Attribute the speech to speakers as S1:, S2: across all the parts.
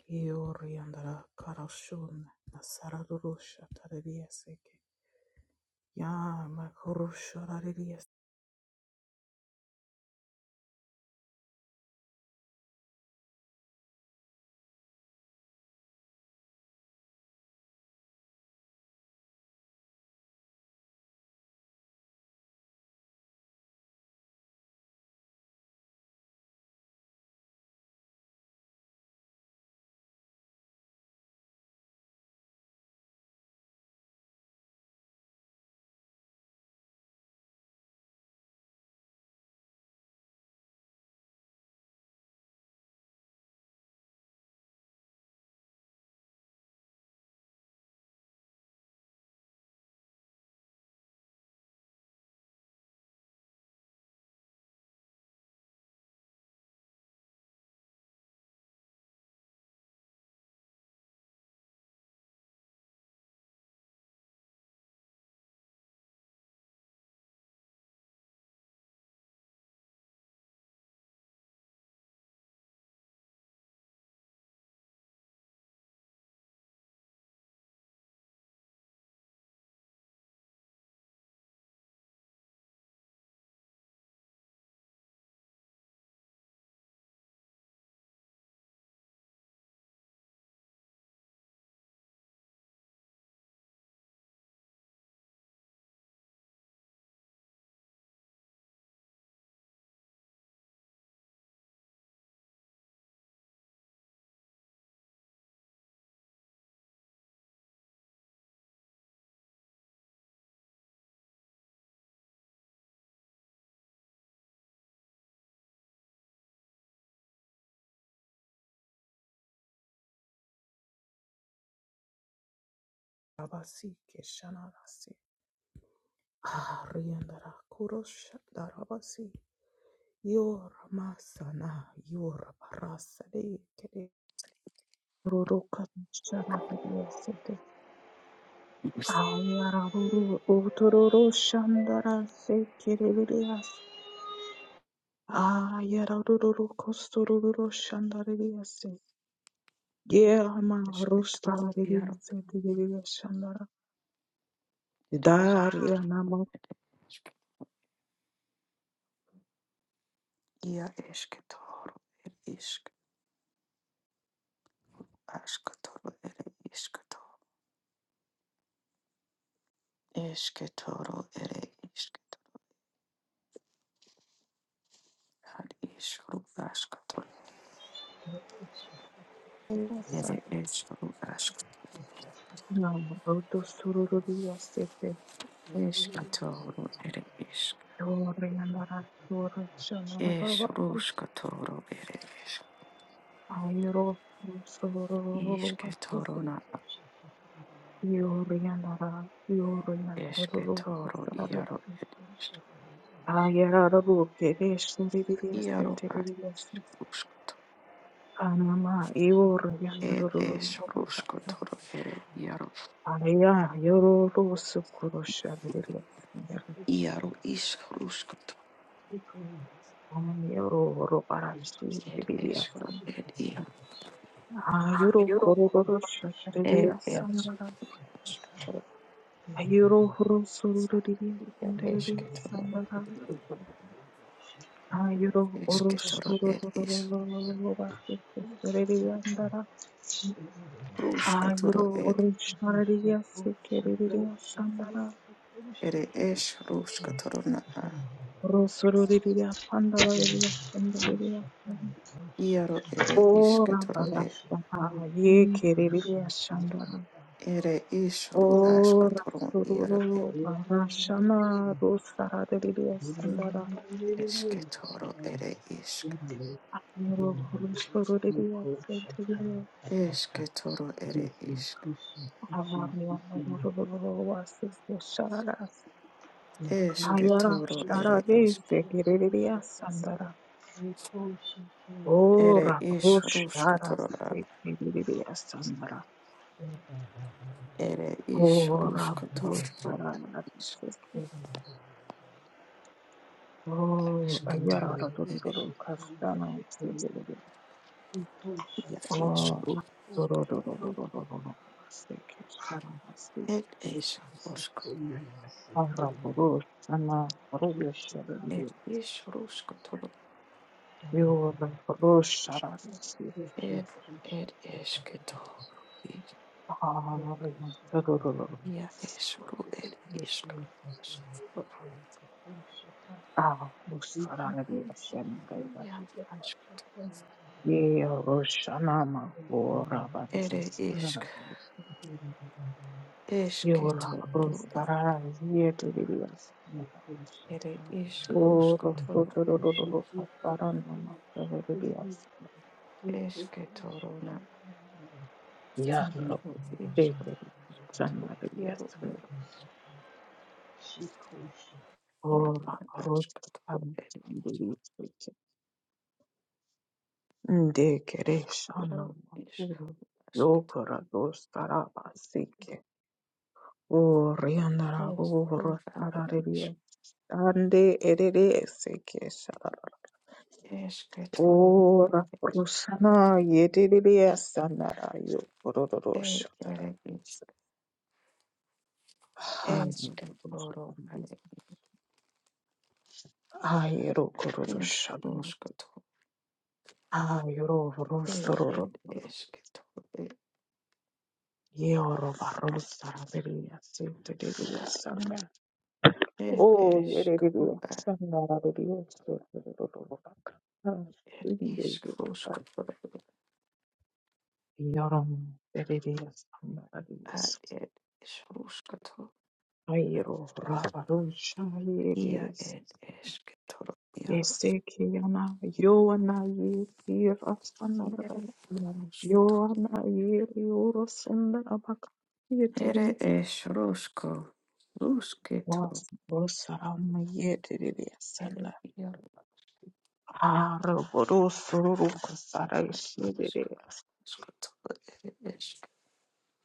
S1: Kioriandara karashun nasararusha tareriaseke. Ya makurusha rarias abasi keshanarasi. Ariandara kurusha darabasi. Yor masana yor barasa de kere. Ruruka shanarariaseke. Ayararuru utururu shandarase kererias. Ayararuru kostururu shandarariase. Yema rusta
S2: Eskitoro iaro
S1: rivise divide shandara.
S2: eres
S1: Daria namo
S2: ia eskitoro er isk askatoro ere iskato eskitoro ere iskato ad iskru askato
S1: san
S2: ere iskru ask
S1: nam roto sururia sete.
S2: eskitoro ere isk
S1: Yoria nara yoru shandara baba.
S2: esruskatoro ere isk
S1: Airo sururu sete.
S2: iskitoro na
S1: Yoria nara yoru nara ruru
S2: eskitoro
S1: sara.
S2: iaro ed isk
S1: Ayara ruru kere shiri divide
S2: iaro
S1: sete
S2: ad
S1: divide
S2: iskruskato
S1: Anama yoru nara
S2: ed
S1: ruru baba.
S2: esruskatoro ere iaro
S1: Aya yororo sukuro shabirilo sendero.
S2: iaro iskruskato
S3: Thank
S1: Yororo arashi
S2: It
S1: bibiya
S2: is so
S1: san.
S2: it is.
S1: Ayoro
S2: Ayuroko
S1: kororo
S2: It
S1: shabirilo
S2: is
S1: sanara.
S2: Ashkatoro.
S1: Ayoro horo suruririya
S2: It is
S1: senderiya
S2: Ketoro.
S1: sanara. Ayoro
S2: Is
S1: oro
S2: Ketoro. It is
S1: sururururururu basete sereriya andara.
S2: Ruskatoro.
S1: Ayoro
S2: It
S1: oro
S3: Thank
S1: shaririya sekeririya sandara.
S2: it is Ruskatoro na.
S1: Oro suruririya pandara
S2: Iaro it is
S1: Ora
S2: Ketoro.
S1: barastaha ye keririya shandara.
S2: Ere is. Ru
S1: Ora
S2: Ashkatoro. Iaro it
S1: sururu barashana rusara deririya sandara.
S2: is Ketoro. It is
S1: Nero rusturu deririya sentiriya.
S2: is Ketoro. It is
S1: Avariya maruru vasike sharas.
S2: is
S1: Ayara
S2: Ketoro.
S1: shara
S2: It is
S1: dese keririya
S3: you.
S1: sandara.
S3: Thank
S2: it
S1: Ora
S2: is
S1: rushara
S2: Ruskatoro.
S1: se keririya sandara.
S2: It is
S1: Ora
S2: Ruskatoro.
S1: rushara Oh, ayara
S2: Escatol
S1: doro
S2: ere
S1: doro kastana sedere.
S2: ia
S1: Oh,
S2: esru
S1: doro doro doro doro maseke shara masi.
S2: ed es rosko
S1: Amra doro shana rogo
S2: ed
S1: sedere.
S2: es roskotolo
S1: Yo da doro shara masi.
S2: ed ed esketolo ed
S1: Ah, doro doro.
S2: ia esru ed iskatolo
S3: you.
S1: Ah, usara nebi
S3: Shikosha,
S1: asembra.
S2: ia askatolo
S1: Ye roshana ma ora basi
S2: ere isk
S1: Yo ra
S2: esketolo na
S1: roshara ye doro.
S2: ere isk
S1: Oro
S2: roskotolo ed
S1: sotororo
S2: es
S1: pasaran mama severias.
S2: esketolo na
S1: Yarro
S2: ed isk
S1: teteri
S2: roskotolo ia ro
S1: sanariasan.
S2: ed isk ed
S1: Ora
S2: na
S1: rost
S2: askatolo ed
S1: amtendirias. De
S2: ed
S1: kereshana makuru. Yokora dostara basike. Orianara oro
S2: Esku varo
S1: nararie.
S2: iš
S1: Ande erere seke shara.
S2: ešketoro
S1: Ora rusana yedirias sanara yo. Ororo shatara.
S2: ere iš ešketoro are
S1: Ayro
S2: iš
S1: kororoshan,
S2: oškoto
S1: ayro
S2: E
S1: rosoro,
S2: ed ešketo
S1: yoro barosara beriya sinte deriya sanga.
S2: ed
S1: Oh,
S2: eškau
S1: yereriya
S2: ar
S1: sanga raberiya sororo baka.
S2: ed
S1: Inde
S2: iš
S1: yaka.
S2: oškotoro
S1: Yoram beriya sanga
S2: ar
S1: raberiya.
S2: ed iš oškoto
S1: Ayro rabaroshan
S2: ia
S1: yeriris.
S2: ed ešketoro iaro
S1: Yeseki yana yoana yeriras
S2: iere iaroškoto
S1: Yohana yeri yorosundara
S2: ere
S1: bakayetereri
S2: iš ruško rusketo
S1: wasarama yetereri
S2: ere
S1: yasana
S2: iaro
S1: haraborosoro rukasara
S2: iš
S1: ishirere
S2: oškoto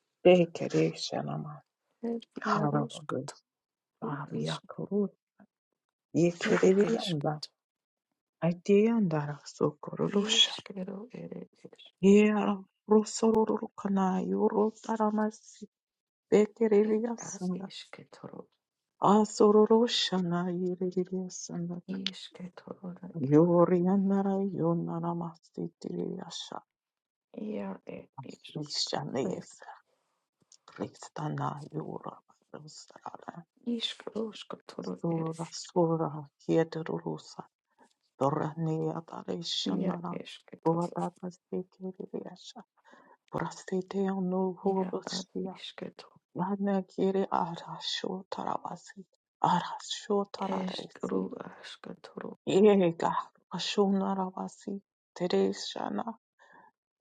S1: yastekerere shanama
S2: ir jeruškatru
S1: haraborosoro
S2: iš
S1: yakuru
S2: ir
S1: yetereri yanda
S2: išketu
S1: atiyandara sokororosha
S2: iškeru ir iš
S1: yera rosoro rukana yorosarama bekereri
S2: ir as
S1: yasana
S2: išketru
S1: asororoshana yereri yasana
S2: išketru ir
S1: Yorianara yonaramasitiriasha
S2: ir ir iš ir
S1: rishanesa kristana yura rusara
S2: iškeruškatru ir
S1: sura sura hieterusa dorania
S2: ir
S1: tarishanara
S2: išketru
S1: ruatapasitikiriasha prasiteanu
S2: ir as
S1: hurushia
S2: išketru
S1: lanekiri arashu taravasi arashu tararesi
S2: iškeru aškatru
S1: yega ashunara vasi tereshana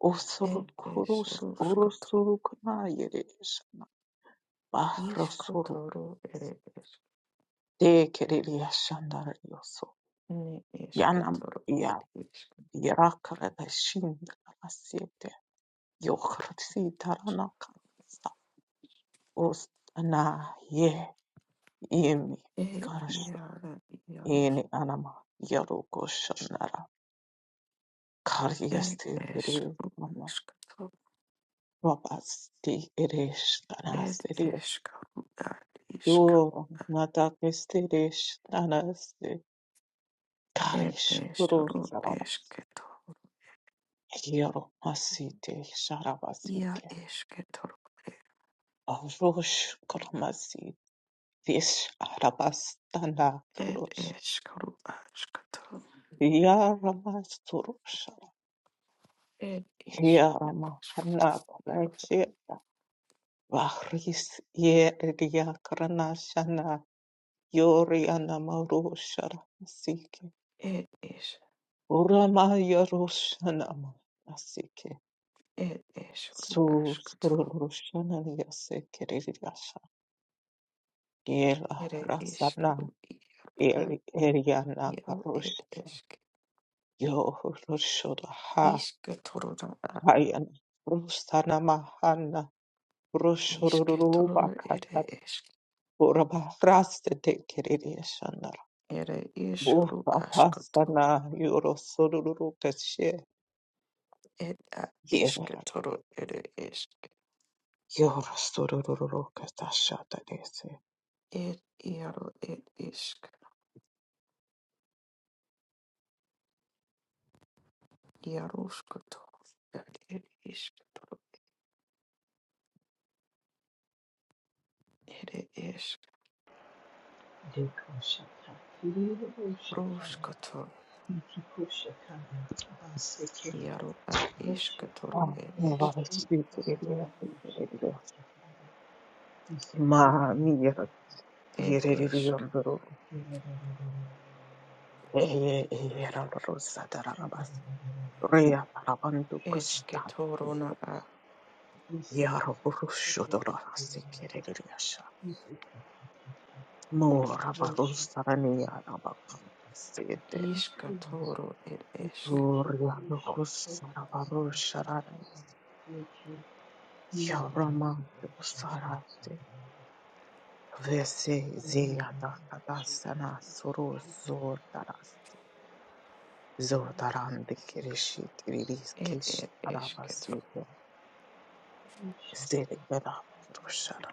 S1: Osuru
S2: ir
S1: kurus
S2: išruškatru
S1: urusuru kana yereshana bahrosuru
S2: iškotru ere es
S1: de kereliya shandara
S2: ne
S1: yanam
S2: išketru ir
S1: ya
S2: iš
S1: yarakara da shinda asiyete yohrsi
S2: aš
S1: tarana kansa ostana ye yemi
S2: ir
S1: ikarashu
S2: ir jeruškatru
S1: yeni anama yaroko shandara
S2: ir
S1: kariyasti kere
S2: išrū
S1: ama
S2: iškatu
S1: babasti eresh
S2: ir
S1: kana
S2: iškaru ar iška
S1: Yo natakestiresh nanaste
S2: ir
S1: karish
S2: išrū
S1: kurosarabas.
S2: iškitu
S1: Yero masite
S2: ia
S1: sharabasike.
S2: iškitu
S1: Arosh kurmasi vish arabastana
S2: ir
S1: turosh.
S2: iškaru aškatu
S1: Yaramas turoshara.
S2: ir išrū
S1: Yarama
S2: aškiru
S1: anakrasheta. Vahris yeriakranashana. Yorianamaroshara masike.
S2: ir iš
S1: Urama yaroshana masike.
S2: ir išrū
S1: Su
S2: aškatu
S1: Surushana Yasekiriasha Yela
S2: ir iškaru
S1: Rasana
S2: ir ar
S1: Eli Eriana
S2: jau ir
S1: Karush
S2: iški
S1: Yo Rushoda Ha
S2: iškituru ar
S1: Hayan Rusana Mahana
S2: iškituru
S1: Rushuruba
S2: ir
S1: Katar
S2: iški
S1: Uraba Raste Tekiriashanar
S2: ir išrū
S1: Bupa
S2: aškatu
S1: Pasana Yoro Sururu Kashe
S2: Ed a isk
S1: Yevara
S2: toro ere isk.
S1: Yoro Sururu Katasha Tadese
S2: Ed iaro ed isk. Iarusko toro ad ed isk toro ere isk.
S3: Dekosha, Kiri
S2: Rusko toro
S3: Shikosha, Baseke,
S2: iaro ad
S3: Thank
S2: isk toro
S1: Ah,
S2: ed isk.
S1: what a Mami yera
S2: Ed
S1: yereri
S2: isk.
S1: yandoro eh yera loro sadara rabas reya parabandu
S2: Eske
S1: kusta
S2: toro na a
S1: yaro burusho doro rasi
S3: you.
S1: kereri yasha mora barusa rani yana bakam sete
S2: isk toro ed isk.
S1: yurya nukusa rabarusha rani yarama vese zeya kadasana suru zor daras Zotaran de Kirishi Tiriris
S2: Ed
S1: Kish
S2: ed eske toro.
S1: Arabasiya Sede Veda Purushara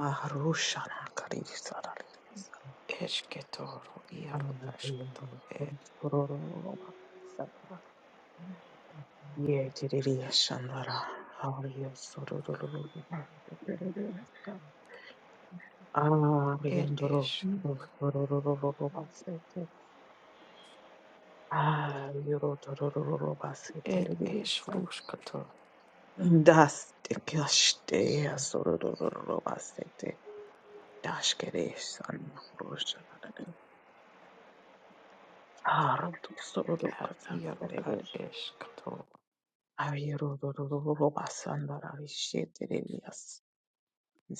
S1: Maharushana Karisararias
S2: Eske toro iaro ask toro ed.
S1: Anuroma Sata Ye Tiriria Shandara Arya Sororoma
S2: Ed
S1: Ariandoro
S2: isk.
S3: Mm-hmm.
S1: Rorororobasete Ayuro
S2: Ed
S1: Tororobasete
S2: isk rusko toro
S1: Daste kashte asorororobasete dashkere sanna roshanare harutu
S2: ad
S1: sororokata
S2: iaro
S1: karebe
S2: ad isk toro.
S1: avirororobasandara visheterelias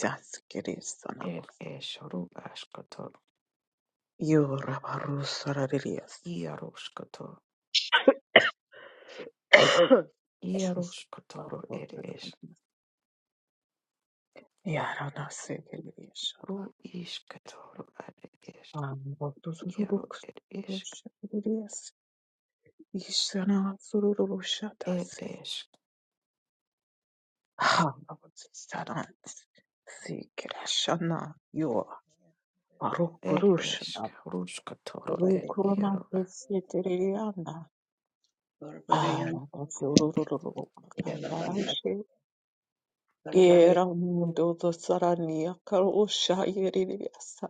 S1: zaskere
S2: ir
S1: sanamas
S2: ešerų ashkator,
S1: yorabarusorarelias
S2: iaroškator, iaroškator ir ešerų
S1: yaranasedereliashada
S2: iškator, ar iš iero
S1: ambotusururok
S2: ir išk,
S1: sororoshaderelias ishana
S2: ir
S1: sororoshatase
S2: išk,
S1: Oh, Lord, Sarah, Sikirashana, Yo,
S2: ir išk,
S1: Barukurushana,
S2: ruškator ir
S1: Rukurman,
S2: iero,
S1: Pesitiriana, Ah, Sururu, Katarashi, Yera Mundo, the Sarania, Karusha, Yeriasa,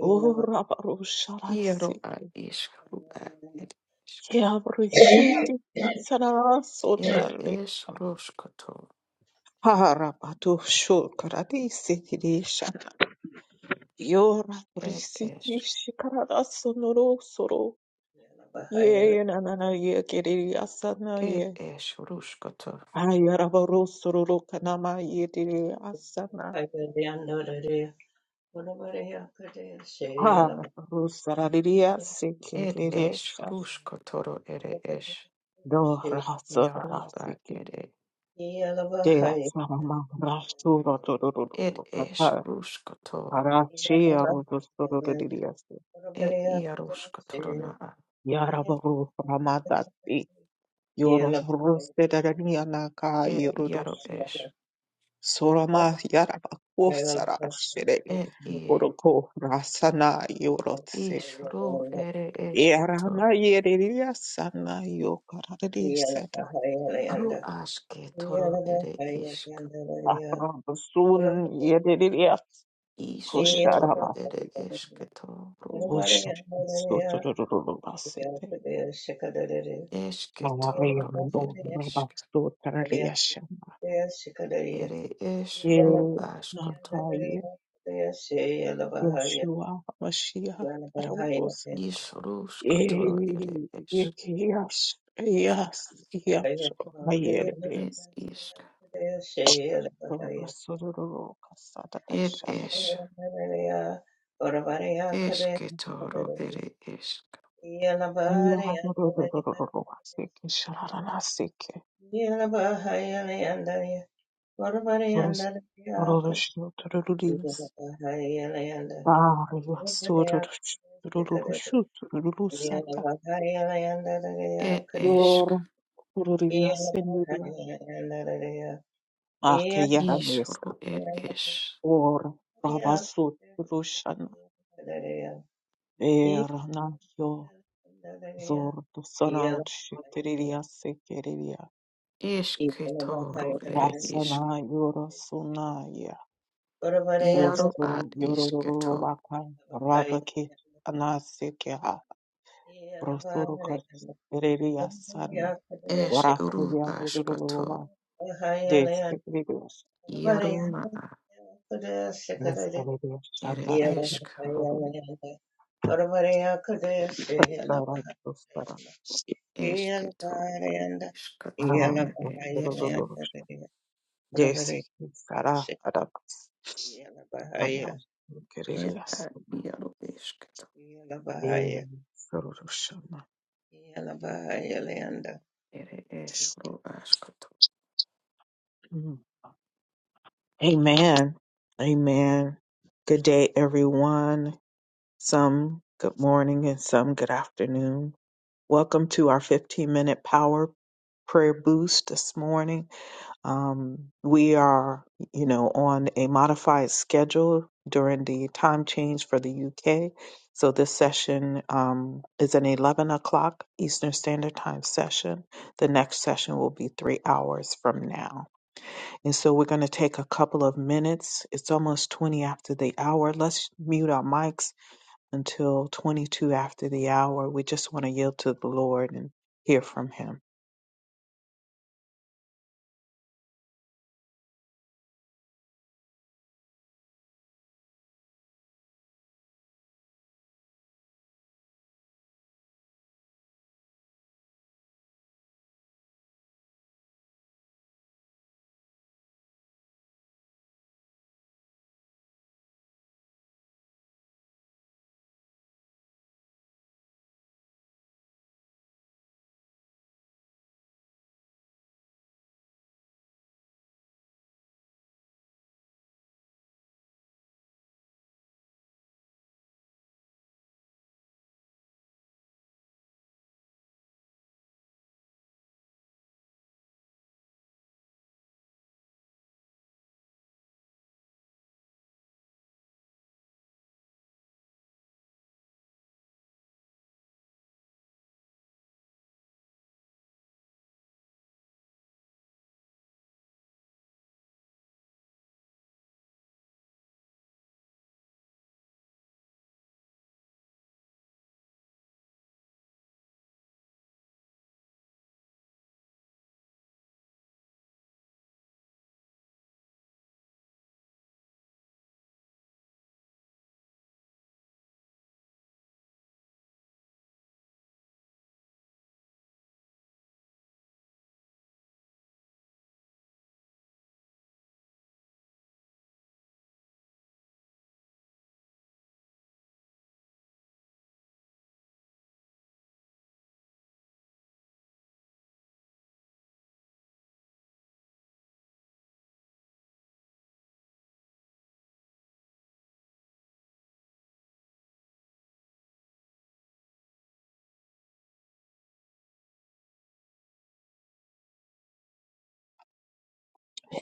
S1: Ura
S2: iero
S1: Barusharasi,
S2: ar iškrų ar ir išk,
S1: Yabrishiti,
S2: ir
S1: Sarasotali,
S2: iš ruškator,
S1: Harabatu, Shulkaradi, Sikirishan. Yora
S2: ir
S1: prisiti
S2: išk,
S1: shikarada sonoro soro. Ye na na na ye keriri asana
S2: ir
S1: ye.
S2: iš ruškator,
S1: Ayara baro sororo kanama ye diri asana. Ha rusara diri asike
S2: ir
S1: diri
S2: iš
S1: sha.
S2: ruškator ir iš
S1: Do rasa
S2: iero ar
S1: darasike.
S2: ir
S1: De asana ma rasura
S2: ir
S1: dororo
S2: iš
S1: kata.
S2: ruškator.
S1: Arachi arudo sororo diri asike.
S2: et iarosk
S4: Yeah.
S2: torona a,
S1: Yara baro ramadati. Yoro
S4: Yeah.
S1: ruste darani anaka
S2: et iaro es,
S1: Soroma yarabako sarashire
S2: et i,
S1: oroko rasana yorotse.
S2: is ro ere esketo,
S1: Erana yereria sana yokarare seta.
S2: ru aske toro ere isk,
S1: Arabasun yereria
S2: iske toro ere
S1: kusharabasi.
S2: esketo, ru
S1: Kusha. Sotorororobasete.
S2: eske
S1: Maria
S2: toro ere
S1: no
S2: isk,
S1: rabasto tararia shama.
S2: ere es ru
S1: Ela
S2: askoto,
S1: mahaye. Yoshua Mashiach.
S2: is ru skotoro
S1: Y-
S2: ere
S1: y-
S2: es,
S1: Yes, yes, yes.
S4: Yeah.
S1: I hear it
S2: et
S1: is.
S2: isk,
S1: Sororo kasada
S2: et
S1: shada.
S2: es, eske toro ere esk,
S1: Sororo asike shara na asike. Sororo sororo is. Ah, yes, sororo sororo shoot sororo santa.
S2: et esk,
S1: Yor sororo yes and yor. Ah, kiyara
S2: is
S1: mesta.
S2: ru ere es.
S1: Or
S4: Yeah.
S1: rabasut
S4: Yeah.
S1: rushana. Erana Zor dosana şüteriya sekeriya.
S2: Ishketoro ere ish
S1: Rasana yorosuna ya.
S2: iaro ad
S1: Oso yorororo
S2: ishketo
S1: vaka rabaki anasekeha. Rosoro kaşeriya sarma.
S2: esh
S1: Orakı
S2: uru
S1: ya kocurulu
S2: ashkato
S1: va. Destekliyor.
S2: iaruna a
S1: Destekliyor.
S2: ere
S1: Şandara
S2: ishk
S1: kutlarım. Sara
S4: Yeah.
S1: dostara.
S4: Good
S2: ishketo
S4: morning,
S1: Ara
S2: ishkatoruna ed ishke
S1: dostara. Destekli sara arabas. Hamla
S2: ed
S1: kerilias.
S2: ad iaro ishketo
S1: Yeah.
S2: ere ish ru ashkato.
S1: Mm. Amen. Amen. Good day, everyone. Some good morning and some good afternoon. Welcome to our 15 minute power prayer boost this morning. Um, we are, you know, on a modified schedule during the time change for the UK. So this session um, is an 11 o'clock Eastern Standard Time session. The next session will be three hours from now. And so we're going to take a couple of minutes. It's almost 20 after the hour. Let's mute our mics until 22 after the hour. We just want to yield to the Lord and hear from Him.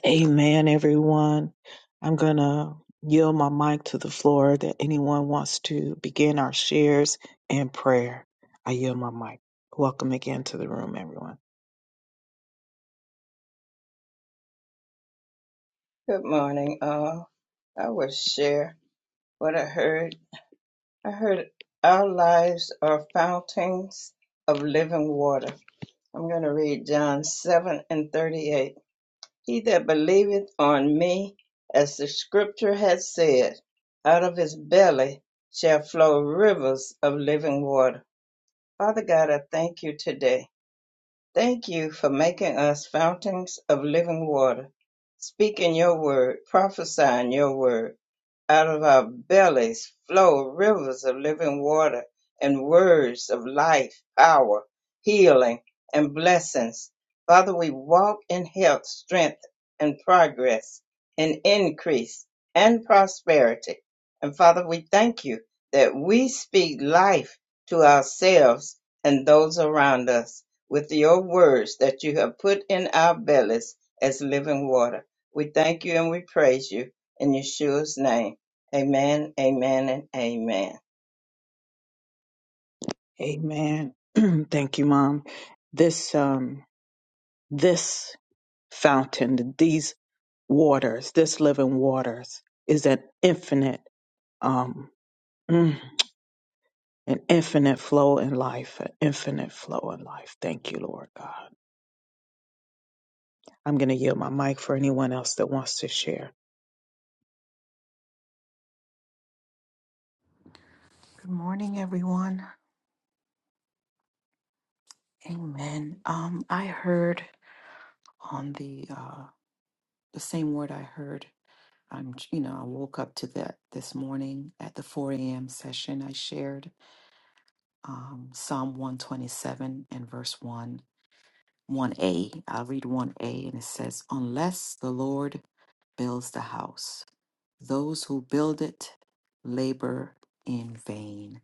S1: Amen, everyone. I'm going to yield my mic to the floor that anyone wants to begin our shares and prayer. I yield my mic. Welcome again to the room, everyone.
S4: all. I will share what I heard. I heard our lives are fountains of living water. I'm going to read John 7 and 38. He that believeth on me, as the scripture hath said, out of his belly shall flow rivers of living water. Father God, I thank you today. Thank you for making us fountains of living water, speaking your word, prophesying your word. Out of our bellies flow rivers of living water and words of life, power, healing, and blessings. Father, we walk in health, strength, and progress, in increase and prosperity. And Father, we thank you that we speak life to ourselves and those around us with your words that you have put in our bellies as living water. We thank you and we praise you in Yeshua's name. Amen, amen, and amen.
S1: Amen. Thank you, Mom. This, um, this fountain, these waters, this living waters, is an infinite, um, mm, an infinite flow in life, an infinite flow in life. Thank you, Lord God. I'm going to yield my mic for anyone else that wants to share.
S2: Good morning, everyone. Amen. Um, I heard on the uh the same word I heard. I'm you know I woke up to that this morning at the 4 a.m. session I shared um, Psalm 127 and verse 1, 1a. I'll read 1a and it says, Unless the Lord builds the house, those who build it labor in vain.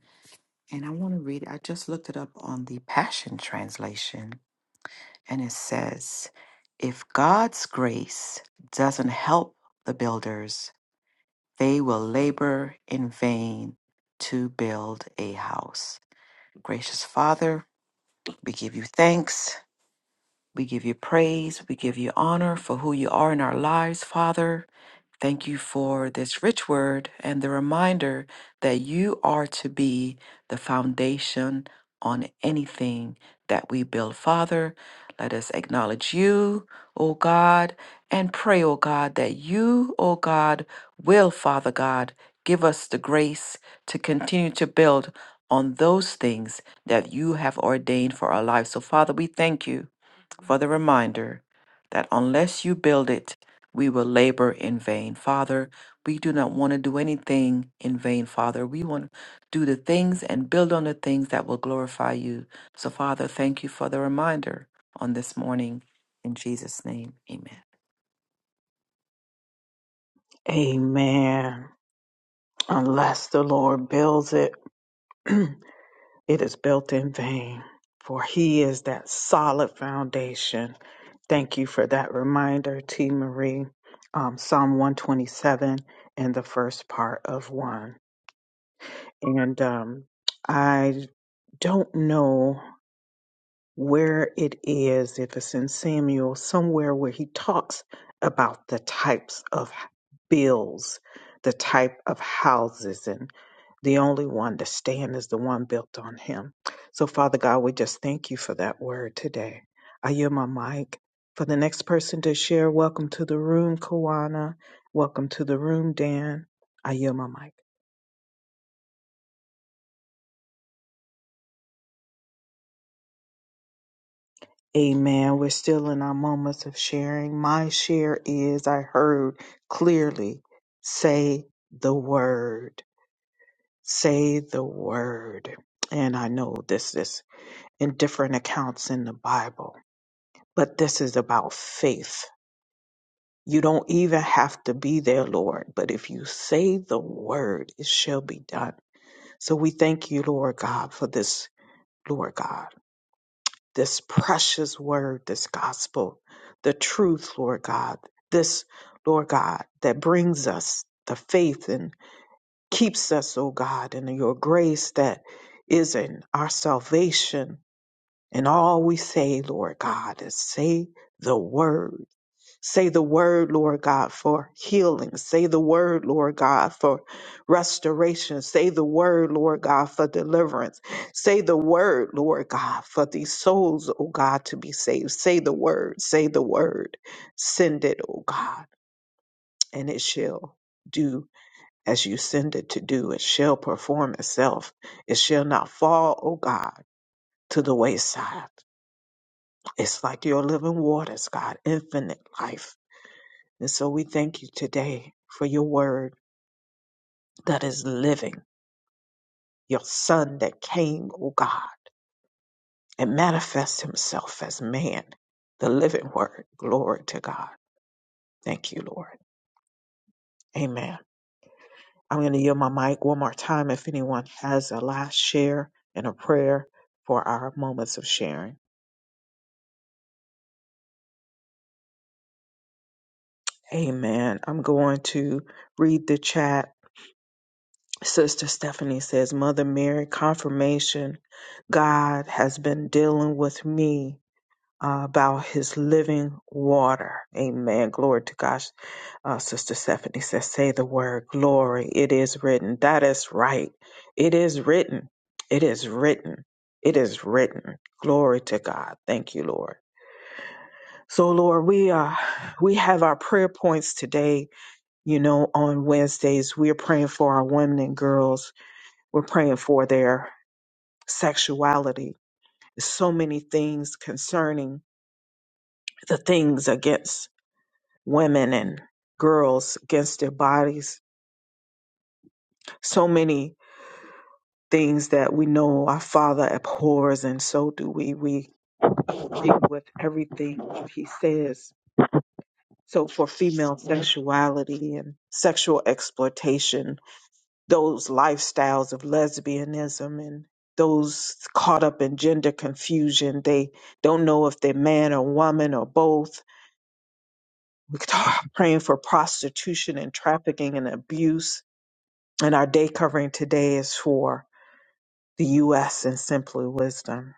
S2: And I want to read, I just looked it up on the Passion Translation and it says, If God's grace doesn't help the builders, they will labor in vain to build a house. Gracious Father, we give you thanks. We give you praise. We give you honor for who you are in our lives, Father. Thank you for this rich word and the reminder that you are to be the foundation on anything that we build. Father, let us acknowledge you, O God, and pray, O God, that you, O God, will, Father God, give us the grace to continue to build on those things that you have ordained for our lives. So, Father, we thank you for the reminder that unless you build it, we will labor in vain. Father, we do not want to do anything in vain, Father. We want to do the things and build on the things that will glorify you. So, Father, thank you for the reminder on this morning. In Jesus' name, amen.
S1: Amen. Unless the Lord builds it, it is built in vain, for He is that solid foundation. Thank you for that reminder, T. Marie. Um, Psalm 127 and the first part of 1. and um, I don't know where it is, if it's in Samuel, somewhere where he talks about the types of h- bills, the type of houses, and the only one to stand is the one built on him. So, Father God, we just thank you for that word today. I yield my mic. For the next person to share, welcome to the room, Kawana. Welcome to the room, Dan. I yield my mic. Amen. We're still in our moments of sharing. My share is I heard clearly say the word, say the word. And I know this is in different accounts in the Bible, but this is about faith. You don't even have to be there, Lord, but if you say the word, it shall be done. So we thank you, Lord God, for this, Lord God. this precious word, this gospel, the truth, Lord God, this, Lord God, that brings us the faith and keeps us, O God, in your grace that is in our salvation. And all we say, Lord God, is say the word Say the word, Lord God, for healing. Say the word, Lord God, for restoration. Say the word, Lord God, for deliverance. Say the word, Lord God, for these souls, oh God, to be saved. Say the word, say the word. Send it, oh God, and it shall do as you send it to do. It shall perform itself. It shall not fall, oh God, to the wayside. It's like your living waters, God, infinite life And so we thank you today for your word that is living, your son that came, O God, and manifest himself as man, the living word. Glory to God. Thank you, Lord. Amen. I'm going to yield my mic one more time if anyone has a last share and a prayer for our moments of sharing. Amen. I'm going to read the chat. Sister Stephanie says, Mother Mary, confirmation God has been dealing with me uh, about his living water. Amen. Glory to God. Uh, Sister Stephanie says, say the word glory. It is written. That is right. It is written. It is written. It is written. Glory to God. Thank you, Lord. So, Lord, we uh, we have our prayer points today. You know, on Wednesdays, we are praying for our women and girls. We're praying for their sexuality. So many things concerning the things against women and girls against their bodies. So many things that we know our Father abhors, and so do we. We agree with everything He says. So, for female sexuality and sexual exploitation, those lifestyles of lesbianism and those caught up in gender confusion, they don't know if they're man or woman or both. We're praying for prostitution and trafficking and abuse And our day covering today is for the U.S. and Simply Wisdom.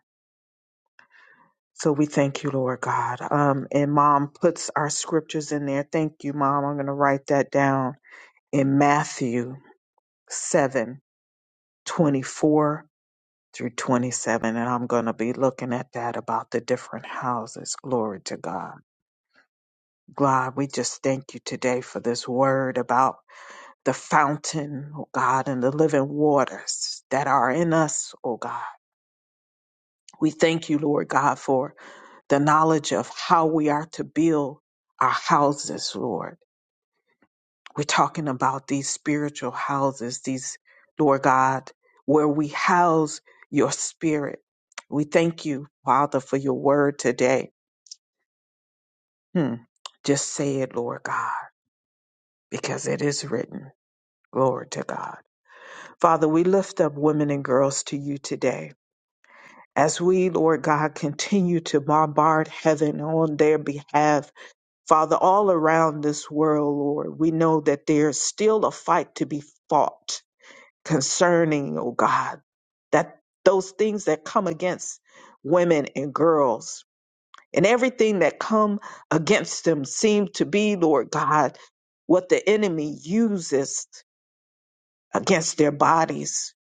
S1: So we thank you, Lord God. Um, and Mom puts our scriptures in there. Thank you, Mom. I'm going to write that down in Matthew 7 24 through 27. And I'm going to be looking at that about the different houses. Glory to God. God, we just thank you today for this word about the fountain, oh God, and the living waters that are in us, oh God We thank you, Lord God, for the knowledge of how we are to build our houses, Lord. We're talking about these spiritual houses, these, Lord God, where we house your spirit. We thank you, Father, for your word today. Hmm. Just say it, Lord God, because it is written. Glory to God. Father, we lift up women and girls to you today. As we, Lord God, continue to bombard heaven on their behalf Father, all around this world, Lord, we know that there's still a fight to be fought concerning, oh God, that those things that come against women and girls and everything that come against them seem to be, Lord God, what the enemy uses against their bodies.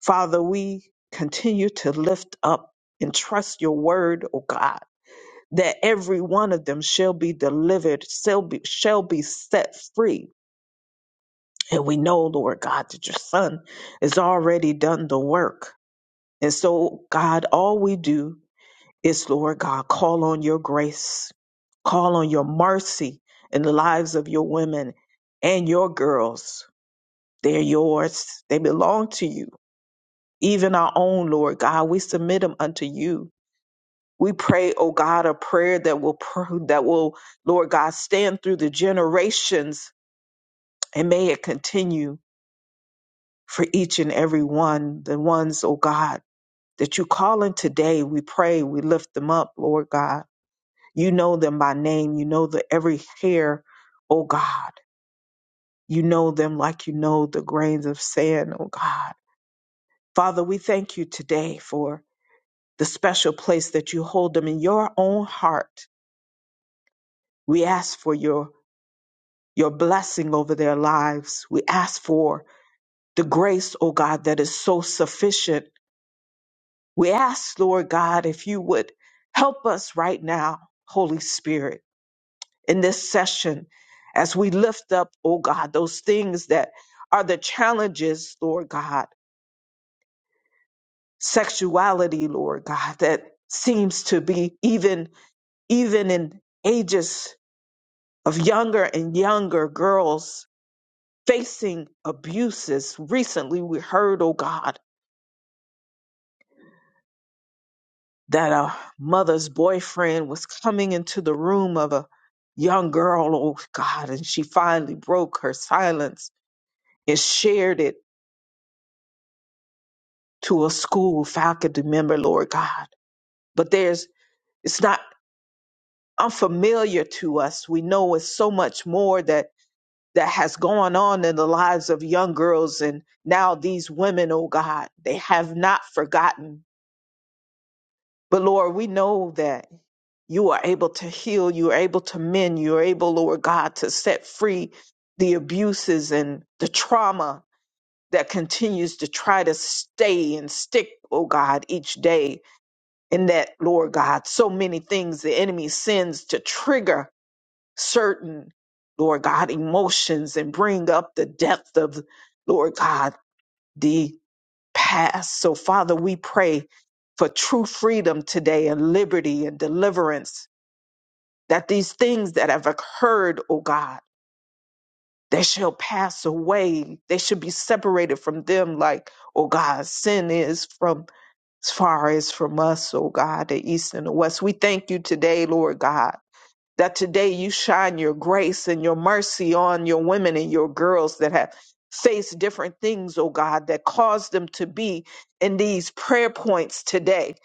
S1: Father, we continue to lift up and trust your word, oh God that every one of them shall be delivered, shall be, shall be set free. And we know, Lord God, that your son has already done the work. And so, God, all we do is, Lord God, call on your grace, call on your mercy in the lives of your women and your girls. They're yours, they belong to you. Even our own, Lord God, we submit them unto you We pray, oh God, a prayer that will pr- that will, Lord God, stand through the generations and may it continue for each and every one, the ones, oh God, that you call in today. We pray, we lift them up, Lord God. You know them by name. You know the every hair, oh God. You know them like you know the grains of sand, oh God. Father, we thank you today for the special place that you hold them in your own heart. We ask for your your blessing over their lives. We ask for the grace, oh God, that is so sufficient. We ask, Lord God, if you would help us right now, Holy Spirit, in this session, as we lift up, oh God, those things that are the challenges, Lord God, sexuality, Lord God, that seems to be even, even in ages of younger and younger girls facing abuses. Recently, we heard, oh God, that a mother's boyfriend was coming into the room of a young girl, oh God, and she finally broke her silence and shared it to a school faculty member, Lord God. But there's, it's not unfamiliar to us. We know it's so much more that that has gone on in the lives of young girls and now these women oh god they have not forgotten but lord we know that you are able to heal, you are able to mend, you are able, Lord God, to set free the abuses and the trauma that continues to try to stay and stick, oh God, each day. And that, Lord God, so many things the enemy sends to trigger certain, Lord God, emotions and bring up the depth of, Lord God, the past. So, Father, we pray for true freedom today and liberty and deliverance that these things that have occurred, O God, they shall pass away. They should be separated from them, like, O God, sin is from as far as from us, O God, the east and the west. We thank you today, Lord God that today you shine your grace and your mercy on your women and your girls that have faced different things, oh God, that caused them to be in these prayer points today.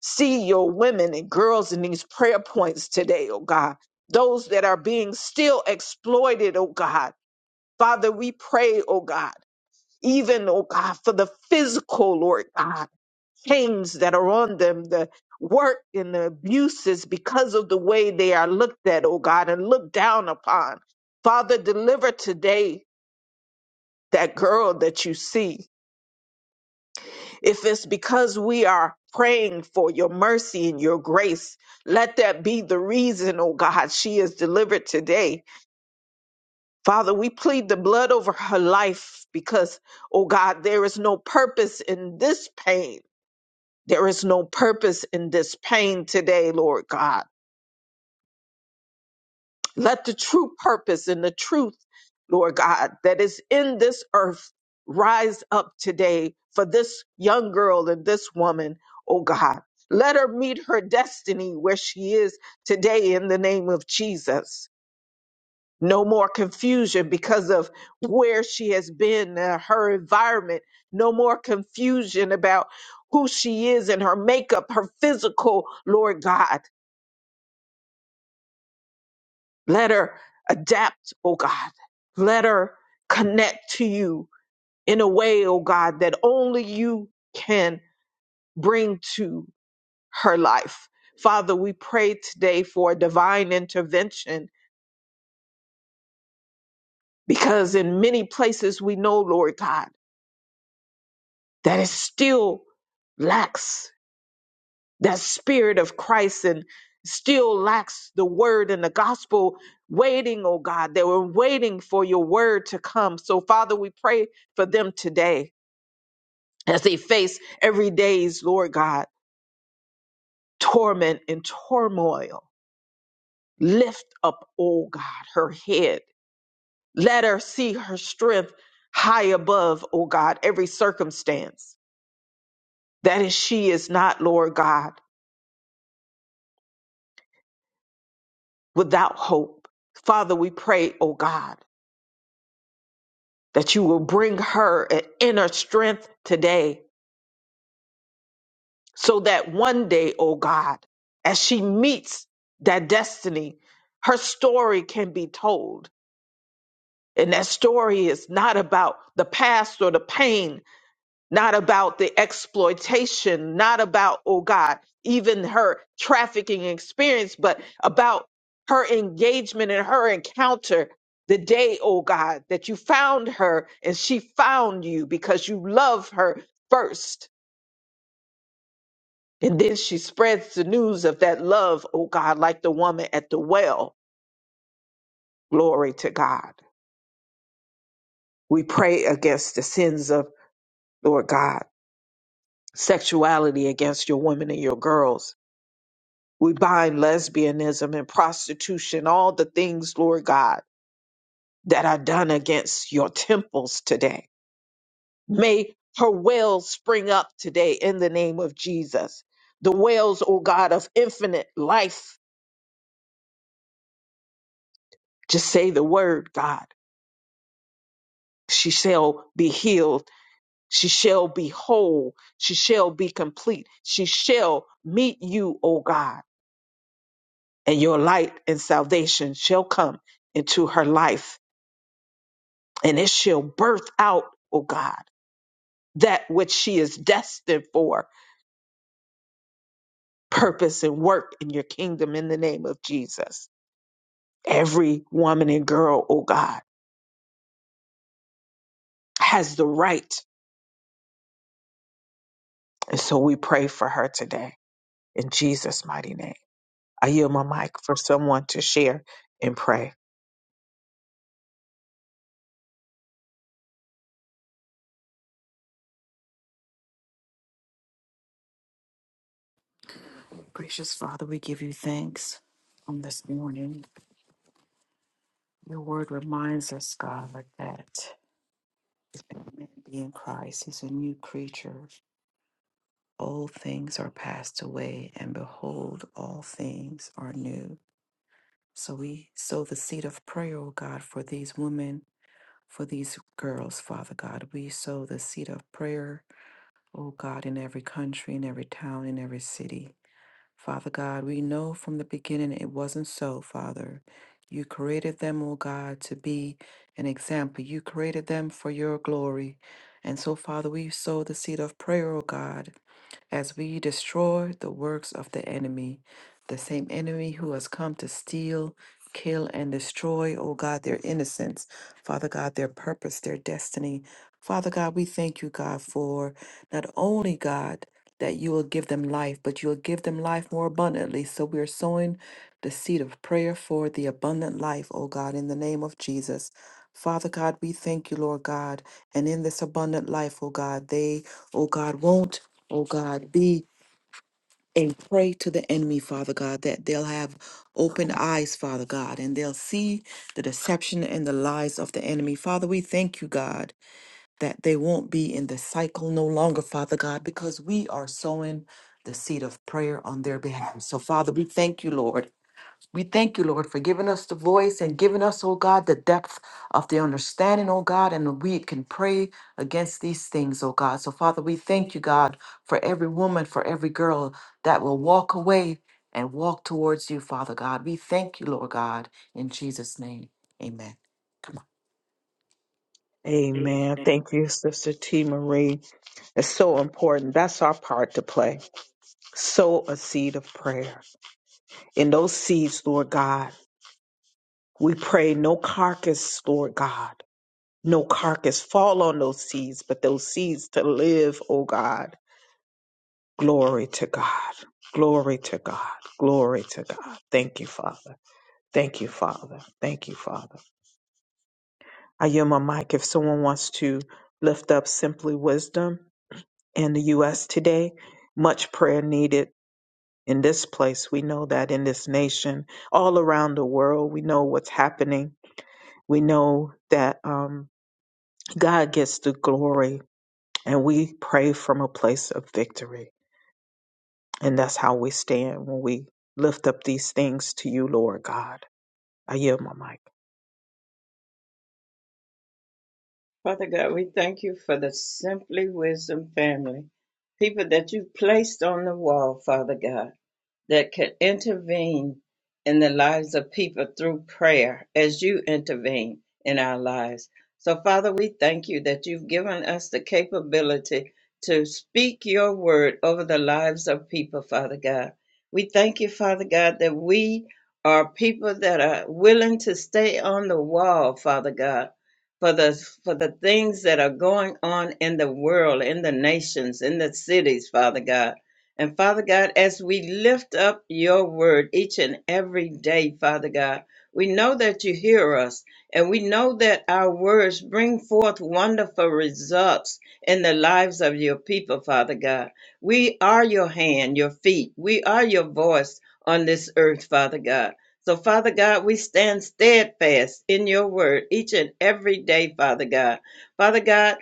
S1: See your women and girls in these prayer points today, oh God. Those that are being still exploited, oh God. Father, we pray, oh God, even, oh God, for the physical, Lord God chains that are on them, the work and the abuses because of the way they are looked at, oh God, and looked down upon. Father, deliver today that girl that you see. If it's because we are praying for your mercy and your grace, let that be the reason, oh God, she is delivered today. Father, we plead the blood over her life because, oh God, there is no purpose in this pain. There is no purpose in this pain today, Lord God. Let the true purpose and the truth, Lord God, that is in this earth rise up today for this young girl and this woman, oh God. Let her meet her destiny where she is today in the name of Jesus. No more confusion because of where she has been, uh, her environment. No more confusion about who she is and her makeup, her physical, Lord God. Let her adapt, oh God. Let her connect to you in a way, oh God, that only you can bring to her life. Father, we pray today for divine intervention because in many places we know, Lord God, that it still lacks that spirit of Christ and still lacks the word and the gospel waiting, oh God. They were waiting for your word to come. So, Father, we pray for them today as they face every day's, Lord God, torment and turmoil. Lift up, oh God, her head. Let her see her strength high above, oh God, every circumstance. That is, she is not, Lord God, without hope. Father, we pray, oh God that you will bring her an inner strength today so that one day, oh God, as she meets that destiny, her story can be told. And that story is not about the past or the pain, not about the exploitation, not about, oh God, even her trafficking experience, but about her engagement and her encounter the day, oh God, that you found her and she found you because you love her first. And then she spreads the news of that love, oh God, like the woman at the well. Glory to God. We pray against the sins of, Lord God, sexuality against your women and your girls We bind lesbianism and prostitution, all the things, Lord God, that are done against your temples today. May her wells spring up today in the name of Jesus. The wells, O God, of infinite life. Just say the word, God. She shall be healed. She shall be whole. She shall be complete. She shall meet you, O God, and your light and salvation shall come into her life and it shall birth out, O God, that which she is destined for, purpose and work in your kingdom in the name of Jesus. Every woman and girl, O God, has the right. And so we pray for her today in Jesus' mighty name. I yield my mic for someone to share and pray.
S2: Gracious Father, we give you thanks on this morning. Your word reminds us, God, that man be in Christ. He's a new creature. Old things are passed away, and behold, all things are new. So we sow the seed of prayer, oh God, for these women, for these girls, Father God. We sow the seed of prayer, oh God, in every country, in every town, in every city. Father God, we know from the beginning it wasn't so, Father. You created them, oh God, to be an example. You created them for your glory. And so, Father, we sow the seed of prayer, oh God, as we destroy the works of the enemy, the same enemy who has come to steal, kill, and destroy, oh God, their innocence, Father God, their purpose, their destiny. Father God, we thank you, God, for not only, God, that you will give them life, but you will give them life more abundantly. So we are sowing the seed of prayer for the abundant life, oh God, in the name of Jesus. Father God, we thank you, Lord God. And in this abundant life, oh God, they, oh God, won't oh God, be a prey to the enemy, Father God, that they'll have open eyes, Father God, and they'll see the deception and the lies of the enemy. Father, we thank you, God, that they won't be in the cycle no longer, Father God, because we are sowing the seed of prayer on their behalf. So, Father, we thank you, Lord, we thank you, Lord, for giving us the voice and giving us, oh God, the depth of the understanding, oh God, and we can pray against these things, oh God. So, Father, we thank you, God, for every woman, for every girl that will walk away and walk towards you, Father God. We thank you, Lord God, in Jesus' name. Amen. Come
S1: Amen.
S2: on.
S1: Thank you, Sister T. Marie. It's so important. That's our part to play. Sow a seed of prayer. In those seeds, Lord God, We pray no carcass, Lord God, no carcass fall on those seeds, but those seeds to live, oh God. Glory to God. Glory to God. Glory to God. Thank you, Father. Thank you, Father. Thank you, Father. I yield my mic if someone wants to lift up simply wisdom in the U.S. today. Much prayer needed in this place. We know that in this nation, all around the world, we know what's happening. We know that. Um, God gets the glory, and we pray from a place of victory. And that's how we stand when we lift up these things to you, Lord God. I yield my mic.
S4: Father God, we thank you for the Simply Wisdom family, people that you placed on the wall, Father God. that could intervene in the lives of people through prayer as you intervene in our lives. So, Father, we thank you that you've given us the capability to speak your word over the lives of people, Father God. We thank you, Father God, that we are people that are willing to stay on the wall, Father God. For the, for the things that are going on in the world, in the nations, in the cities, Father God. And Father God, as we lift up your word each and every day, Father God, we know that you hear us and we know that our words bring forth wonderful results in the lives of your people, Father God. We are your hand, your feet. We are your voice on this earth, Father God. So, Father God, we stand steadfast in your word each and every day, Father God. Father God,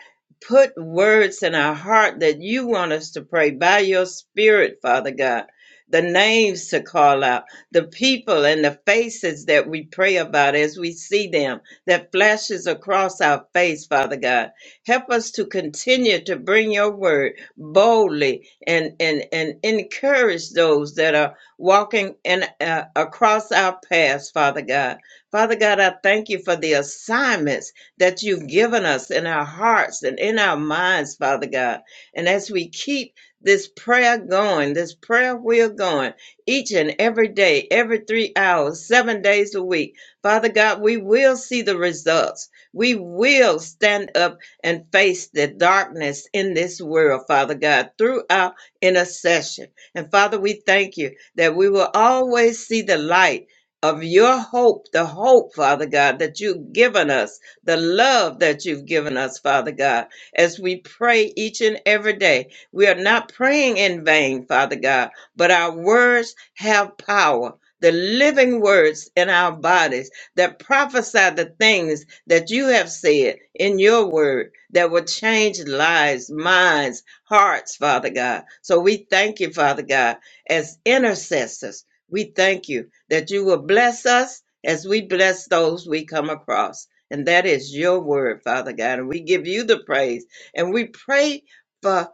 S4: put words in our heart that you want us to pray by your spirit, Father God. The names to call out, the people and the faces that we pray about as we see them, that flashes across our face, Father God. Help us to continue to bring your word boldly and, and, and encourage those that are walking in, uh, across our paths, Father God. Father God, I thank you for the assignments that you've given us in our hearts and in our minds, Father God. And as we keep this prayer going, this prayer wheel going, each and every day, every three hours, seven days a week, Father God, we will see the results. We will stand up and face the darkness in this world, Father God, through our intercession. And Father, we thank you that we will always see the light of your hope, the hope, Father God, that you've given us the love that you've given us, Father God, as we pray each and every day. We are not praying in vain, Father God, but our words have power. The living words in our bodies that prophesy the things that you have said in your word that will change lives, minds, hearts, Father God. So we thank you, Father God, as intercessors. We thank you that you will bless us as we bless those we come across. And that is your word, Father God. And we give you the praise. And we pray for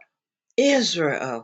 S4: Israel.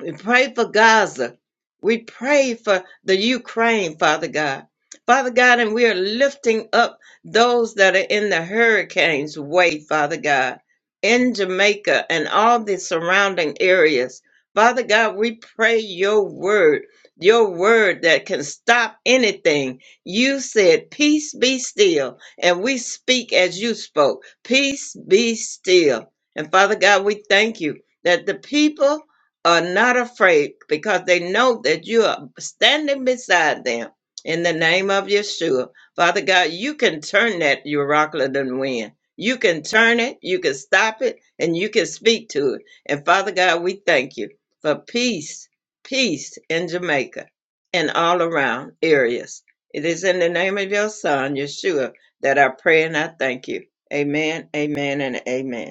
S4: We pray for Gaza. We pray for the Ukraine, Father God. Father God, and we are lifting up those that are in the hurricane's way, Father God, in Jamaica and all the surrounding areas. Father God, we pray your word, your word that can stop anything. You said, Peace be still. And we speak as you spoke, Peace be still. And Father God, we thank you that the people are not afraid because they know that you are standing beside them in the name of Yeshua. Father God, you can turn that Euroclidon wind. You can turn it, you can stop it, and you can speak to it. And Father God, we thank you for peace, peace in Jamaica and all around areas. It is in the name of your son, Yeshua, that I pray and I thank you. Amen, amen, and amen.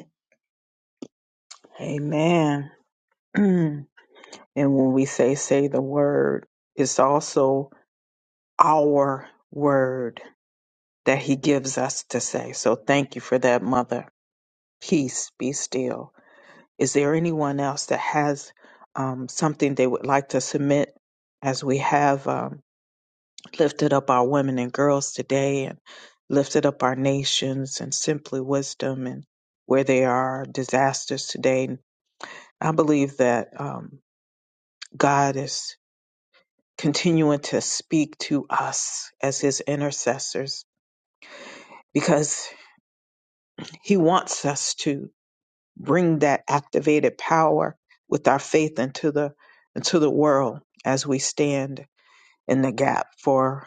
S1: Amen. and when we say, say the word, it's also our word that he gives us to say. So thank you for that, Mother. Peace, be still. Is there anyone else that has um, something they would like to submit as we have? um, lifted up our women and girls today and lifted up our nations and simply wisdom and where there are disasters today. And I believe that um, God is continuing to speak to us as his intercessors because he wants us to bring that activated power with our faith into the into the world as we stand in the gap for.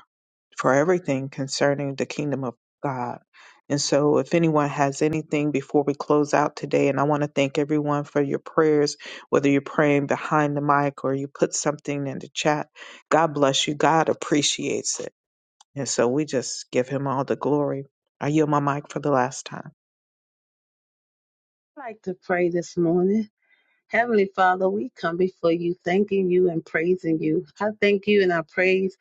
S1: for everything concerning the kingdom of God. And so, if anyone has anything before we close out today, and I want to thank everyone for your prayers, whether you're praying behind the mic or you put something in the chat, God bless you. God appreciates it. And so, we just give him all the glory. I yield my mic for the last time.
S5: I'd like to pray this morning. Heavenly Father, we come before you, thanking you and praising you. I thank you and I praise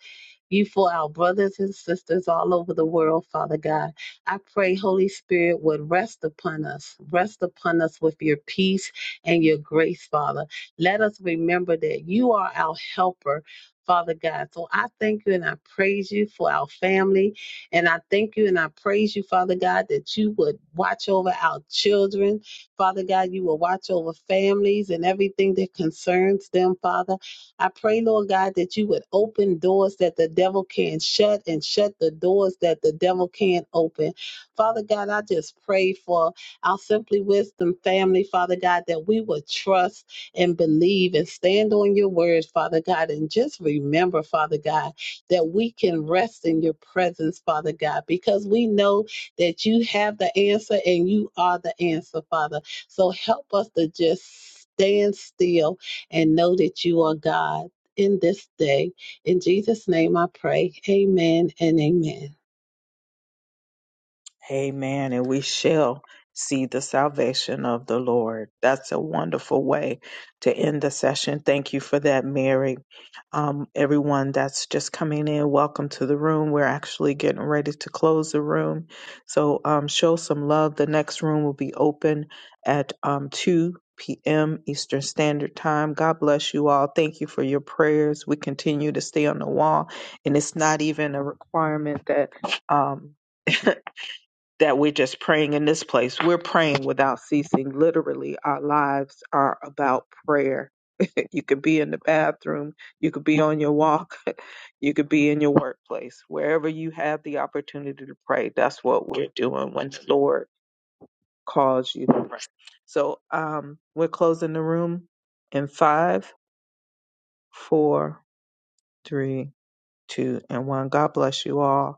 S5: you for our brothers and sisters all over the world, Father God. I pray, Holy Spirit, would rest upon us, rest upon us with your peace and your grace, Father. Let us remember that you are our helper. Father God. So I thank you and I praise you for our family. And I thank you and I praise you, Father God, that you would watch over our children. Father God, you will watch over families and everything that concerns them, Father. I pray, Lord God, that you would open doors that the devil can not shut and shut the doors that the devil can't open. Father God, I just pray for our Simply Wisdom family, Father God, that we would trust and believe and stand on your word, Father God, and just remember, Father God, that we can rest in your presence, Father God, because we know that you have the answer and you are the answer, Father. So help us to just stand still and know that you are God in this day. In Jesus' name I pray. Amen and amen.
S1: Amen. And we shall see the salvation of the Lord. That's a wonderful way to end the session. Thank you for that, Mary. Um, everyone that's just coming in, welcome to the room. We're actually getting ready to close the room. So um, show some love. The next room will be open at um, 2 p.m. Eastern Standard Time. God bless you all. Thank you for your prayers. We continue to stay on the wall, and it's not even a requirement that. Um, that we're just praying in this place. We're praying without ceasing. Literally, our lives are about prayer. You could be in the bathroom, you could be on your walk, you could be in your workplace. Wherever you have the opportunity to pray, that's what we're doing when the Lord calls you to pray. So um, we're closing the room in five, four, three, two, and one. God bless you all.